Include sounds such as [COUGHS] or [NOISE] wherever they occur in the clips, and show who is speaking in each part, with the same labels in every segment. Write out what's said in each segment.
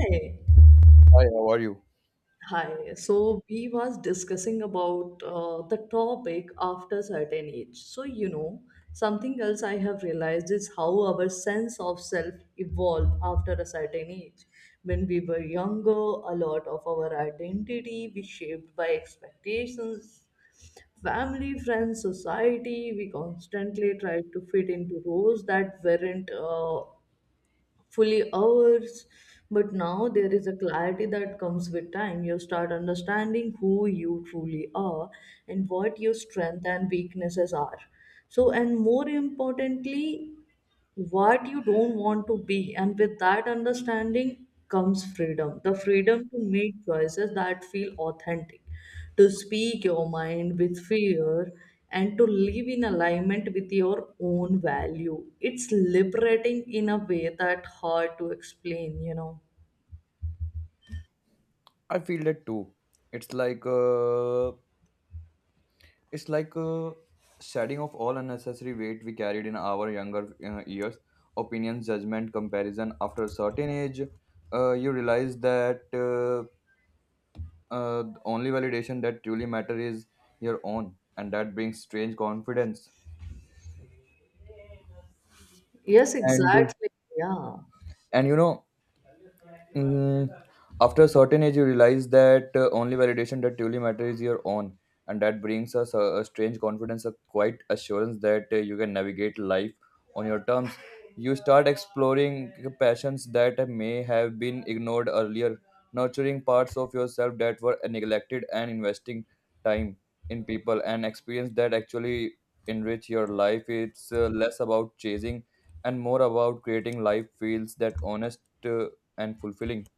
Speaker 1: Hey,
Speaker 2: Hi, how are you?
Speaker 1: hi. So we was discussing about the topic after certain age. So something else I have realized is how our sense of self evolved after a certain age. When we were younger, a lot of our identity we shaped by expectations, family, friends, society. We constantly tried to fit into roles that weren't fully ours. But now there is a clarity that comes with time. You start understanding who you truly are and what your strength and weaknesses are. So, and more importantly, what you don't want to be, and with that understanding comes freedom, the freedom to make choices that feel authentic, to speak your mind with fear, and to live in alignment with your own value. It's liberating in a way that hard to explain.
Speaker 2: I feel that too. It's like it's like shedding of all unnecessary weight we carried in our younger years. Opinions, judgment, comparison. After a certain age, you realize that the only validation that truly matter is your own, and that brings strange confidence.
Speaker 1: Yes,
Speaker 2: And
Speaker 1: exactly. Yeah.
Speaker 2: and you know, mm, after a certain age, you realize that only validation that truly matters is your own, and that brings us a strange confidence, a quiet assurance that you can navigate life on your terms. You start exploring passions that may have been ignored earlier, nurturing parts of yourself that were neglected, and investing time in people and experience that actually enrich your life. It's less about chasing and more about creating life fields that honest. uh, and fulfilling.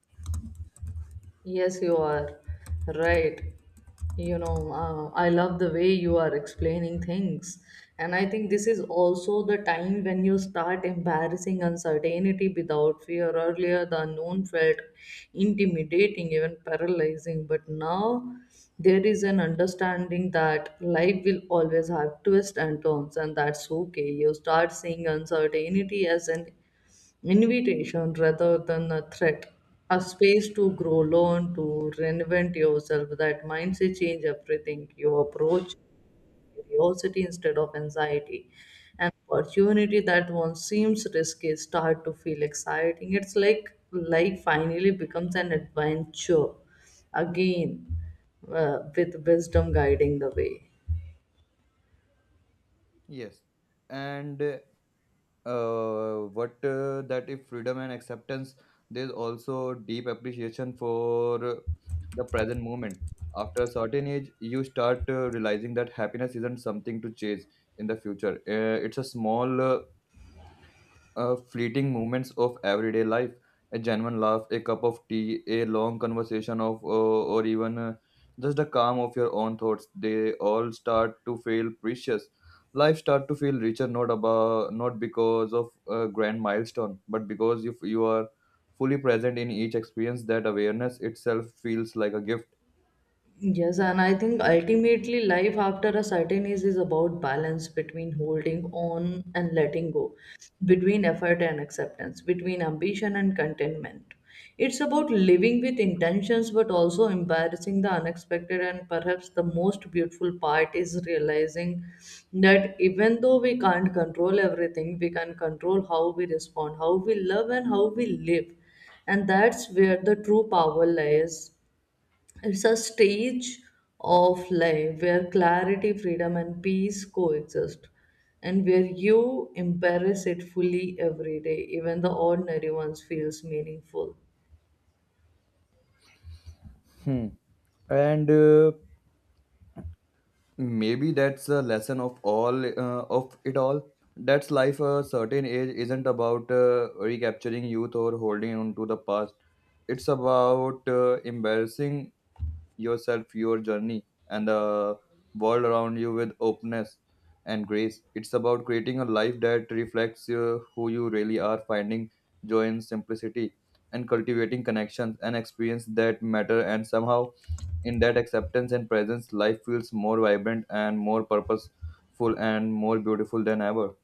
Speaker 1: Yes, you are right. You know, I love the way you are explaining things. And I think this is also the time when you start embarrassing uncertainty without fear. Earlier, the unknown felt intimidating, even paralyzing. But now, there is an understanding that life will always have twists and turns, and that's okay. You start seeing uncertainty as an invitation rather than a threat, a space to grow, learn, to reinvent yourself. That mindset change everything. You approach curiosity instead of anxiety. An opportunity that once seems risky start to feel exciting. It's like life finally becomes an adventure again, with wisdom guiding the way.
Speaker 2: Yes, and what that if freedom and acceptance, there's also deep appreciation for the present moment. After a certain age, you start realizing that happiness isn't something to chase in the future. It's a small fleeting moments of everyday life, a genuine laugh, a cup of tea, a long conversation of or even just the calm of your own thoughts. They all start to feel precious. Life start to feel richer, not about, not because of a grand milestone, but because if you are fully present in each experience, that awareness itself feels like a gift.
Speaker 1: Yes, and I think ultimately life after a certain age is about balance between holding on and letting go, between effort and acceptance, between ambition and contentment. It's about living with intentions but also embarrassing the unexpected, and perhaps the most beautiful part is realizing that even though we can't control everything, we can control how we respond, how we love, and how we live, and that's where the true power lies. It's a stage of life where clarity, freedom, and peace coexist, and where you embrace it fully every day. Even the ordinary ones feels meaningful.
Speaker 2: Hmm. And maybe that's the lesson of it all, that's life a certain age isn't about recapturing youth or holding on to the past. It's about embarrassing yourself, your journey, and the world around you with openness and grace. It's about creating a life that reflects who you really are, finding joy in simplicity, and cultivating connections and experience that matter. And somehow, in that acceptance and presence, life feels more vibrant and more purposeful and more beautiful than ever.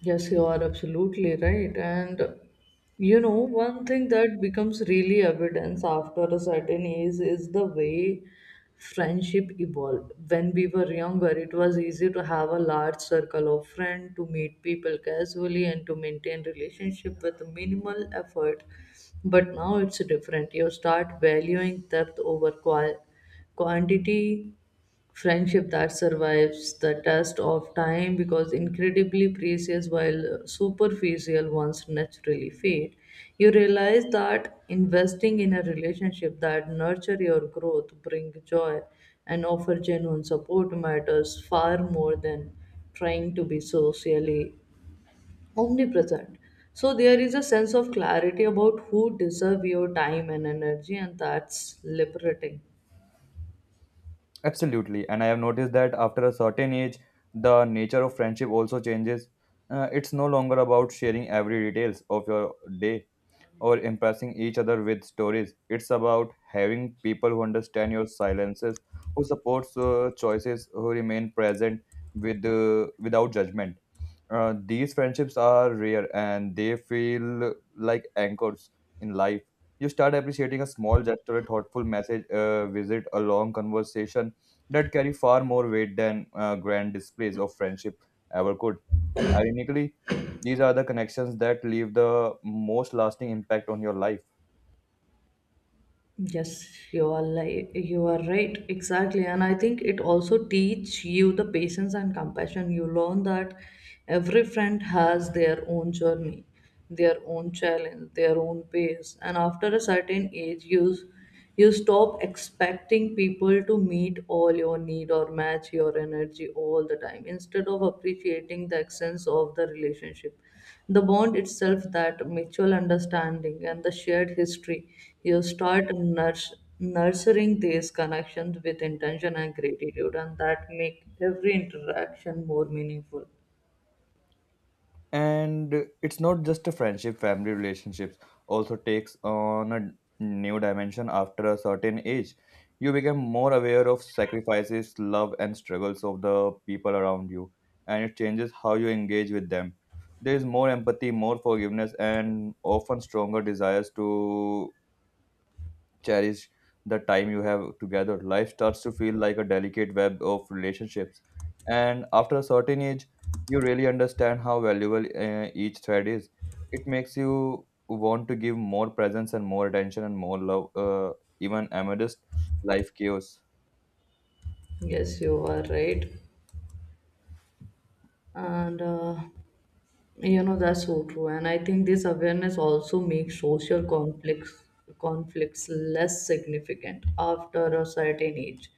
Speaker 1: Yes, you are absolutely right. And you know, one thing that becomes really evidence after a certain age is the way friendship evolved. When we were younger, it was easy to have a large circle of friends, to meet people casually, and to maintain relationship with minimal effort. But now it's different. You start valuing depth over quantity. Friendship that survives the test of time because incredibly precious, while superficial ones naturally fade. You realize that investing in a relationship that nurture your growth, bring joy, and offer genuine support matters far more than trying to be socially omnipresent. So there is a sense of clarity about who deserve your time and energy, and that's liberating.
Speaker 2: Absolutely. And I have noticed that after a certain age, the nature of friendship also changes. It's no longer about sharing every details of your day or impressing each other with stories. It's about having people who understand your silences, who supports choices, who remain present with without judgment. These friendships are rare and they feel like anchors in life. You start appreciating a small gesture, a thoughtful message, a visit, a long conversation that carry far more weight than grand displays of friendship ever could. And ironically, these are the connections that leave the most lasting impact on your life.
Speaker 1: Yes, you are like you are right exactly, and I think it also teach you the patience and compassion. You learn that every friend has their own journey, their own challenge, their own pace, and after a certain age, you stop expecting people to meet all your need or match your energy all the time. Instead of appreciating the essence of the relationship, the bond itself, that mutual understanding and the shared history, you start nurturing these connections with intention and gratitude, and that make every interaction more meaningful.
Speaker 2: And it's not just a friendship, family relationships also takes on a new dimension after a certain age. You become more aware of sacrifices, love and struggles of the people around you, and it changes how you engage with them. There is more empathy, more forgiveness, and often stronger desires to cherish the time you have together. Life starts to feel like a delicate web of relationships. And after a certain age, you really understand how valuable each thread is. It makes you want to give more presence and more attention and more love, even amidst life chaos.
Speaker 1: Yes, you are right. and You know, that's so true. And I think this awareness also makes social conflicts less significant after a certain age,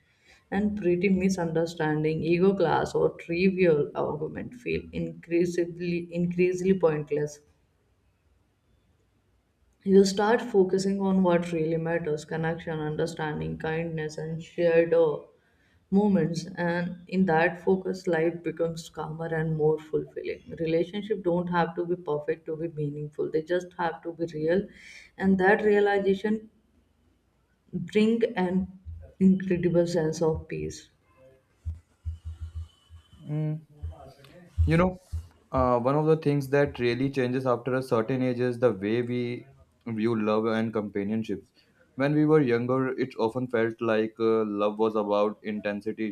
Speaker 1: and pretty misunderstanding, ego class, or trivial argument feel increasingly pointless. You start focusing on what really matters: connection, understanding, kindness, and shared moments. And in that focus life becomes calmer and more fulfilling. Relationships don't have to be perfect to be meaningful, they just have to be real, and that realization bring an incredible sense of peace.
Speaker 2: Mm, you know, one of the things that really changes after a certain age is the way we view love and companionships. When we were younger, it often felt like love was about intensity,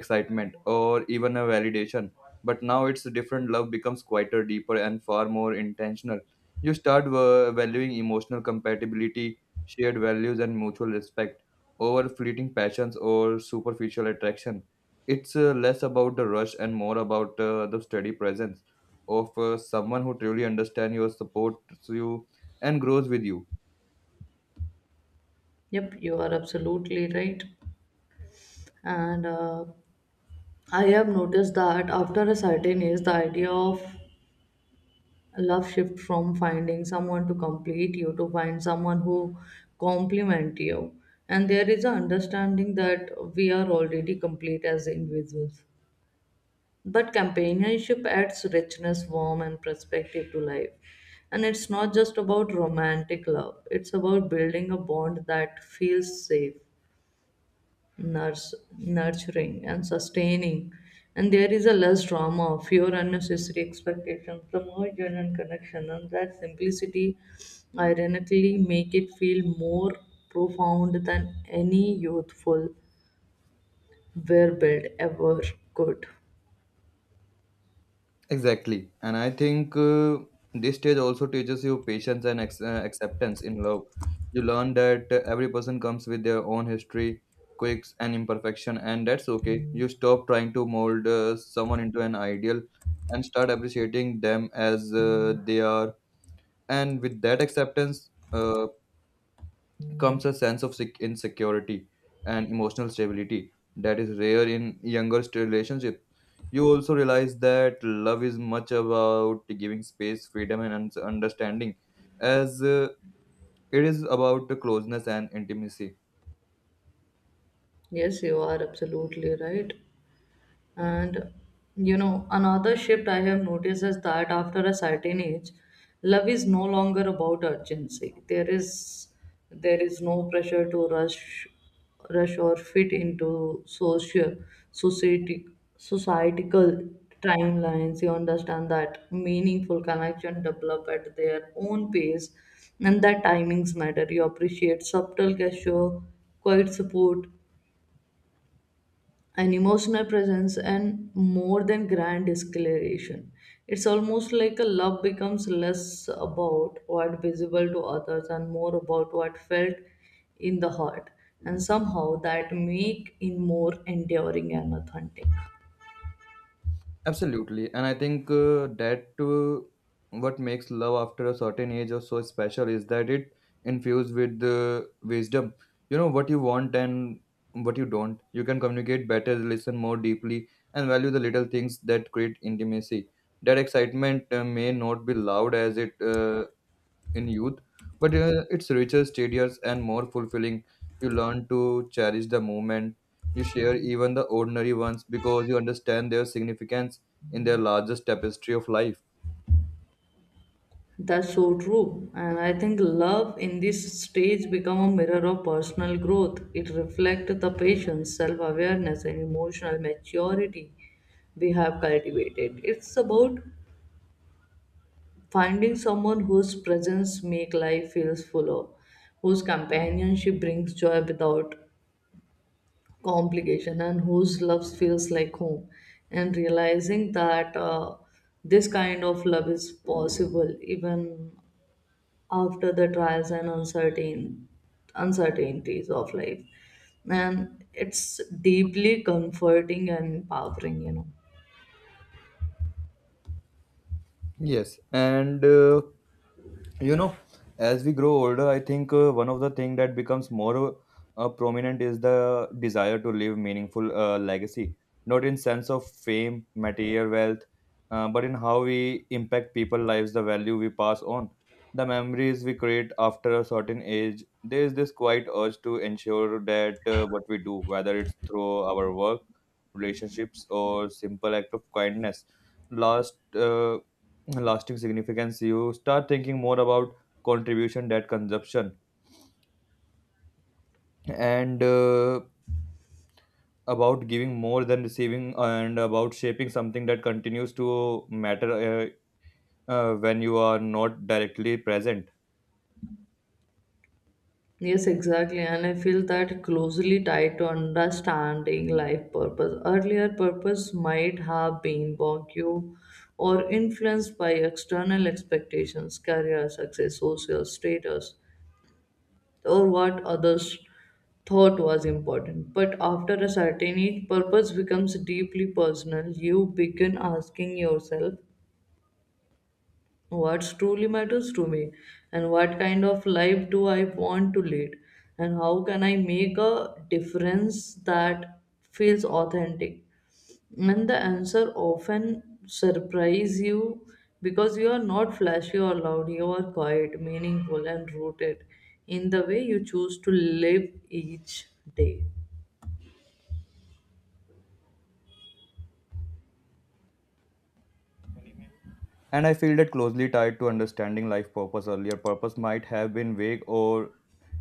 Speaker 2: excitement, or even a validation. But now it's different. Love becomes quieter, deeper, and far more intentional. You start valuing emotional compatibility, shared values, and mutual respect over fleeting passions or superficial attraction. It's less about the rush and more about the steady presence of someone who truly understands you, supports you, and grows with you.
Speaker 1: Yep, you are absolutely right. And I have noticed that after a certain age, the idea of love shift from finding someone to complete you to find someone who complement you, and there is an understanding that we are already complete as individuals, but companionship adds richness, warmth, and perspective to life. And it's not just about romantic love, it's about building a bond that feels safe. Nurse, nurturing and sustaining, and there is a less drama, fewer unnecessary expectations, the more genuine connection, and that simplicity ironically make it feel more profound than any youthful wear build ever could.
Speaker 2: Exactly. And I think this stage also teaches you patience and acceptance in love. You learn that every person comes with their own history, quirks, and imperfection, and that's okay. You stop trying to mold someone into an ideal and start appreciating them as they are. And with that acceptance, comes a sense of insecurity and emotional stability that is rare in younger relationship. You also realize that love is much about giving space, freedom and understanding as it is about the closeness and intimacy.
Speaker 1: Yes, you are absolutely right. And you know, another shift I have noticed is that after a certain age, love is no longer about urgency. There is no pressure to rush or fit into social society societal timelines. You understand that meaningful connection develop at their own pace and that timings matter. You appreciate subtle gesture, quiet support, an emotional presence, and more than grand declaration. It's almost like a love becomes less about what visible to others and more about what felt in the heart. And somehow that make it more enduring and authentic.
Speaker 2: Absolutely, and I think that what makes love after a certain age or so special is that it infused with wisdom. You know what you want and what you don't. You can communicate better, listen more deeply, and value the little things that create intimacy. That excitement may not be loud as it in youth, but it's richer, steadier, and more fulfilling. You learn to cherish the moment. You share even the ordinary ones because you understand their significance in their largest tapestry of life.
Speaker 1: That's so true. And I think love in this stage become a mirror of personal growth. It reflects the patience, self-awareness, and emotional maturity we have cultivated. It's about finding someone whose presence makes life feels fuller, whose companionship brings joy without complication, and whose love feels like home. And realizing that this kind of love is possible even after the trials and uncertainties of life. And it's deeply comforting and empowering, you know.
Speaker 2: Yes, and you know, as we grow older, I think one of the thing that becomes more prominent is the desire to leave meaningful legacy, not in sense of fame, material wealth, but in how we impact people lives, the value we pass on, the memories we create. After a certain age, there is this quiet urge to ensure that what we do, whether it's through our work, relationships or simple act of kindness, last uh, lasting significance. You start thinking more about contribution that consumption, and about giving more than receiving, and about shaping something that continues to matter, when you are not directly present.
Speaker 1: Yes, exactly. And I feel that closely tied to understanding life purpose. Earlier, purpose might have been vague or influenced by external expectations, career success, social status, or what others thought was important. But after a certain age, purpose becomes deeply personal. You begin asking yourself what truly matters to me, and what kind of life do I want to lead, and how can I make a difference that feels authentic. And the answer often surprise you, because you are not flashy or loud, you are quiet, meaningful, and rooted in the way you choose to live each day.
Speaker 2: And I feel that closely tied to understanding life purpose. Earlier purpose might have been vague or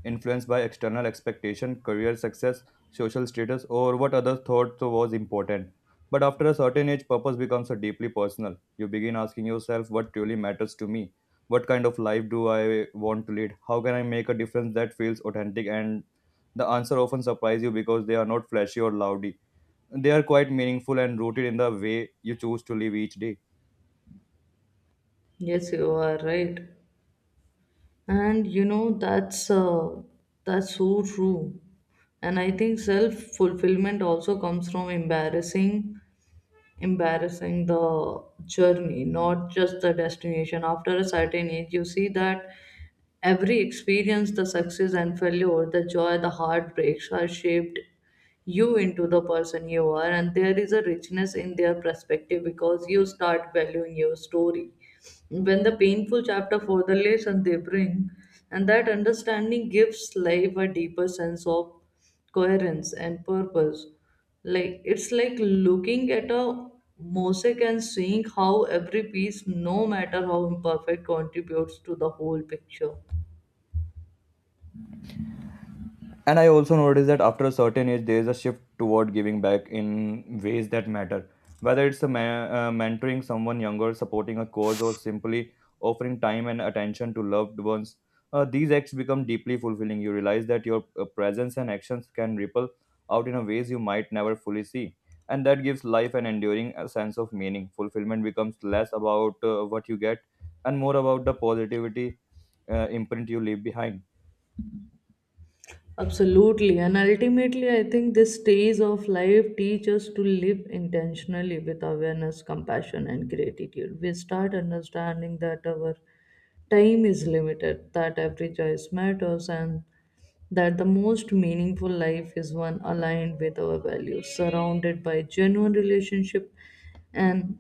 Speaker 2: influenced by external expectation, career success, social status, or what others thought so was important. But after a certain age, purpose becomes a deeply personal. You begin asking yourself, what truly matters to me? What kind of life do I want to lead? How can I make a difference that feels authentic? And the answer often surprise you because they are not flashy or loudy. They are quite meaningful and rooted in the way you choose to live each day.
Speaker 1: Yes, you are right. And you know, that's so true. And I think self-fulfillment also comes from embarrassing the journey, not just the destination. After a certain age, you see that every experience, the success and failure, the joy, the heartbreaks are shaped you into the person you are, and there is a richness in their perspective because you start valuing your story. When the painful chapter for the lesson they bring, and that understanding gives life a deeper sense of coherence and purpose. It's like looking at a mosaic and seeing how every piece, no matter how imperfect, contributes to the whole picture.
Speaker 2: And I also noticed that after a certain age there is a shift toward giving back in ways that matter, whether it's a mentoring someone younger, supporting a cause, or simply offering time and attention to loved ones. These acts become deeply fulfilling. You realize that your presence and actions can ripple out in a ways you might never fully see, and that gives life an enduring sense of meaning. Fulfillment becomes less about what you get and more about the positivity imprint you leave behind.
Speaker 1: Absolutely. And ultimately, I think this stage of life teaches us to live intentionally with awareness, compassion, and gratitude. We start understanding that our time is limited, that every choice matters, and that the most meaningful life is one aligned with our values, surrounded by genuine relationship, and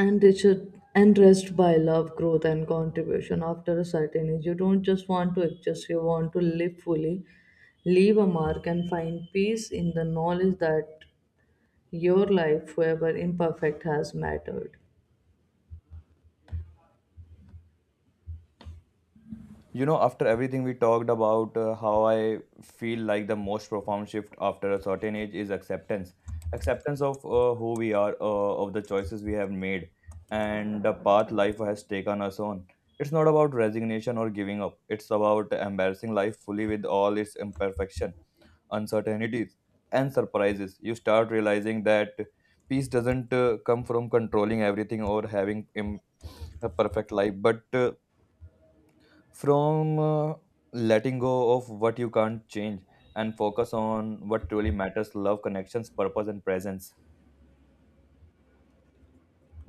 Speaker 1: and it richard enriched by love, growth, and contribution. After a certain age, you don't just want to exist, you want to live fully, leave a mark, and find peace in the knowledge that your life, however imperfect, has mattered.
Speaker 2: You know, after everything we talked about, how I feel like the most profound shift after a certain age is acceptance. Acceptance of who we are, of the choices we have made, and the path life has taken us on. It's not about resignation or giving up, it's about embarrassing life fully with all its imperfection, uncertainties, and surprises. You start realizing that peace doesn't come from controlling everything or having a perfect life, but from letting go of what you can't change and focus on what truly matters, love, connections, purpose and presence.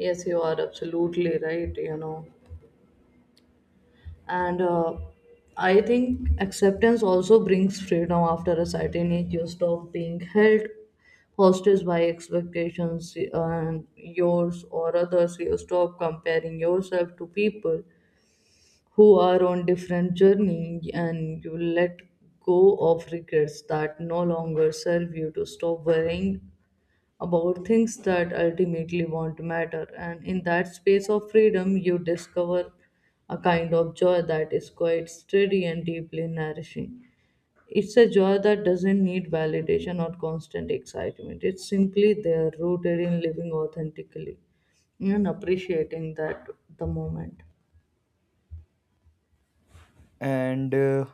Speaker 1: Yes, you are absolutely right, you know. And I think acceptance also brings freedom. After a certain age, you stop being held hostage by expectations, and yours or others, you stop comparing yourself to people who are on different journey, and you let go of regrets that no longer serve you, to stop worrying about things that ultimately won't matter. And in that space of freedom, you discover a kind of joy that is quite steady and deeply nourishing. It's a joy that doesn't need validation or constant excitement. It's simply there, rooted in living authentically and appreciating that the moment.
Speaker 2: And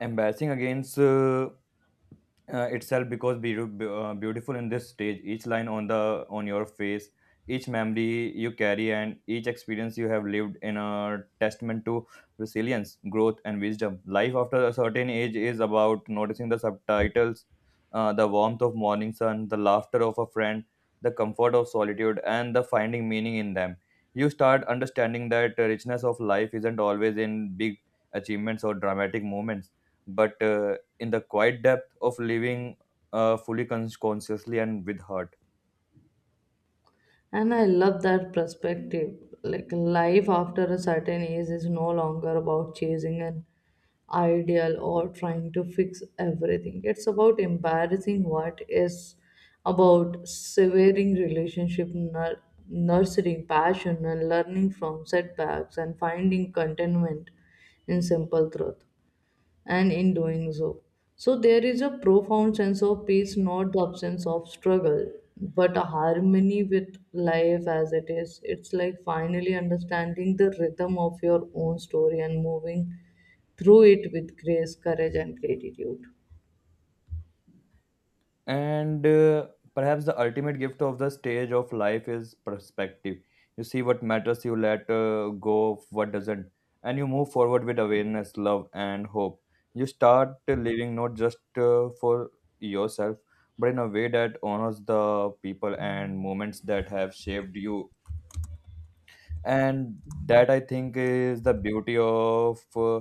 Speaker 2: embracing against itself, because beautiful in this stage, each line on the on your face, each memory you carry and each experience you have lived in a testament to resilience, growth and wisdom. Life after a certain age is about noticing the subtitles, the warmth of morning sun, the laughter of a friend, the comfort of solitude, and the finding meaning in them. You start understanding that the richness of life isn't always in big achievements or dramatic moments, but in the quiet depth of living fully, consciously and with heart.
Speaker 1: And I love that perspective. Like life after a certain age is no longer about chasing an ideal or trying to fix everything. It's about embarrassing what is, about severing relationship, nurturing passion, and learning from setbacks, and finding contentment in simple truth, and in doing so. So, there is a profound sense of peace, not the absence of struggle, but a harmony with life as it is. It's like finally understanding the rhythm of your own story and moving through it with grace, courage, and gratitude.
Speaker 2: And perhaps the ultimate gift of the stage of life is perspective. You see what matters, you let go of what doesn't, and you move forward with awareness, love, and hope. You start living not just for yourself, but in a way that honors the people and moments that have shaped you. And that, I think, is the beauty of.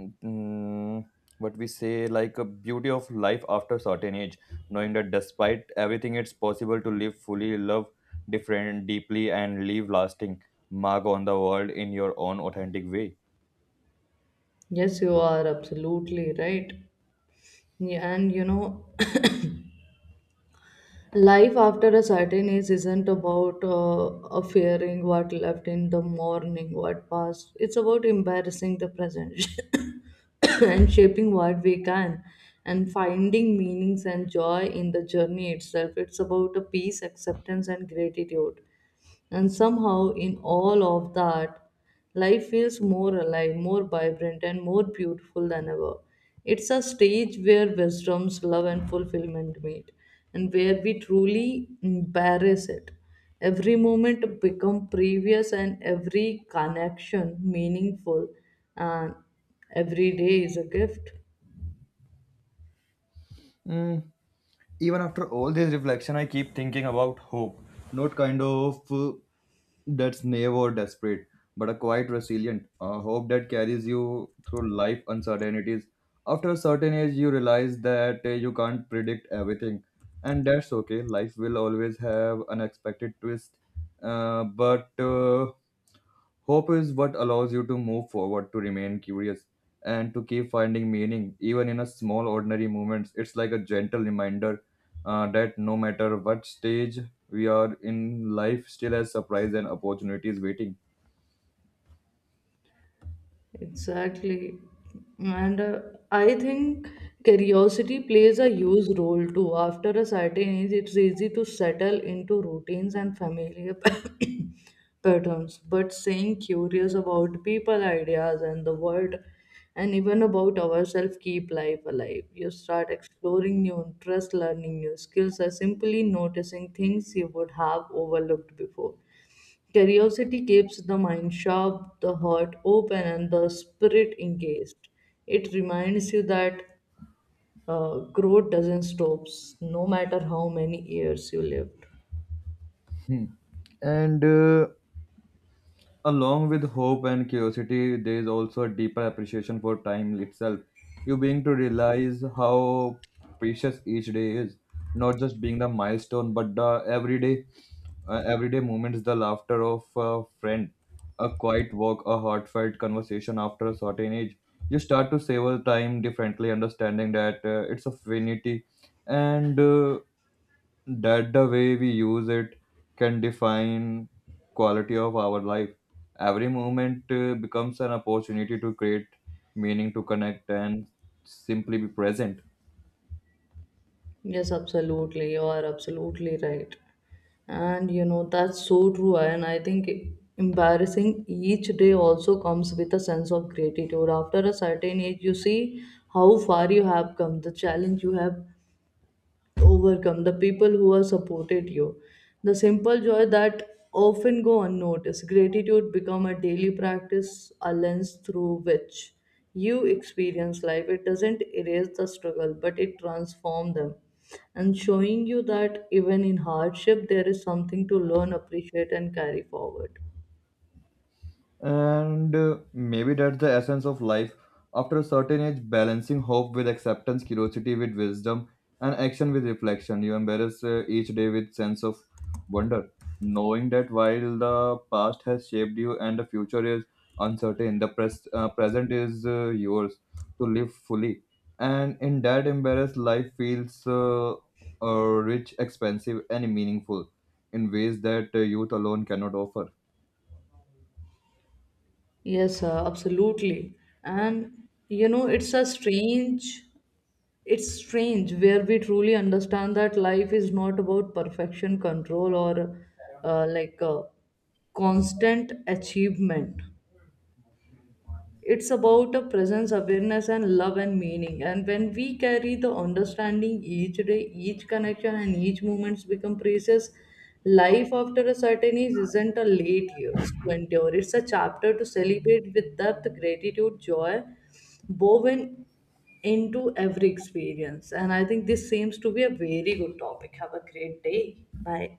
Speaker 2: mm, what we say like a beauty of life after certain age, knowing that despite everything it's possible to live fully, love different, deeply, and leave lasting mark on the world in your own authentic way.
Speaker 1: Yes, you are absolutely right. Yeah, and you know, life after a certain age isn't about fearing what left in the morning, what past. It's about embarrassing the present [COUGHS] and shaping what we can, and finding meanings and joy in the journey itself. It's about a peace, acceptance, and gratitude. And somehow, in all of that, life feels more alive, more vibrant, and more beautiful than ever. It's a stage where wisdom's love and fulfillment meet, and where we truly embrace it. Every moment become previous, and every connection meaningful, and every day is a gift.
Speaker 2: Mm, even after all this reflection, I keep thinking about hope. Not kind of that's naive or desperate, but a quite resilient. A hope that carries you through life uncertainties. After a certain age, you realize that you can't predict everything, and that's okay. Life will always have unexpected twists, but hope is what allows you to move forward, to remain curious, and to keep finding meaning, even in a small, ordinary moments. It's like a gentle reminder that no matter what stage we are in, life still has surprise and opportunities waiting.
Speaker 1: Exactly. And I think curiosity plays a huge role too. After a certain age, it's easy to settle into routines and familiar [LAUGHS] [COUGHS] patterns. But staying curious about people, ideas, and the world, and even about ourselves, keep life alive. You start exploring new interests, learning new skills, or simply noticing things you would have overlooked before. Curiosity keeps the mind sharp, the heart open, and the spirit engaged. It reminds you that growth doesn't stop, no matter how many years you lived.
Speaker 2: Hmm. And along with hope and curiosity, there is also a deeper appreciation for time itself. You being to realize how precious each day is, not just being the milestone, but the everyday everyday moments, the laughter of a friend, a quiet walk, a heartfelt conversation. After a certain age you start to savor time differently, understanding that it's a finity, and that the way we use it can define quality of our life. Every moment becomes an opportunity to create meaning, to connect, and simply be present.
Speaker 1: Yes, absolutely. You are absolutely right. And you know, that's so true. And I think embarrassing each day also comes with a sense of gratitude. After a certain age, you see how far you have come, the challenge you have overcome, the people who have supported you, the simple joy that often go unnoticed. Gratitude become a daily practice, a lens through which you experience life. It doesn't erase the struggle, but it transforms them, and showing you that even in hardship there is something to learn, appreciate, and carry forward.
Speaker 2: And maybe that's the essence of life. After a certain age, balancing hope with acceptance, curiosity with wisdom, and action with reflection. You embrace each day with sense of wonder, knowing that while the past has shaped you and the future is uncertain, the present is yours to live fully. And in that embarrassed life feels rich, expensive, and meaningful in ways that youth alone cannot offer.
Speaker 1: Yes, sir, absolutely. And you know, it's strange where we truly understand that life is not about perfection, control, or uh, like uh, constant achievement. It's about a presence, awareness, and love, and meaning, and when we carry the understanding, each day, each connection, and each moments become precious. Life after a certain age isn't a late years to endure, it's a chapter to celebrate with depth, gratitude, joy woven into every experience. And I think this seems to be a very good topic. Have a great day. Bye.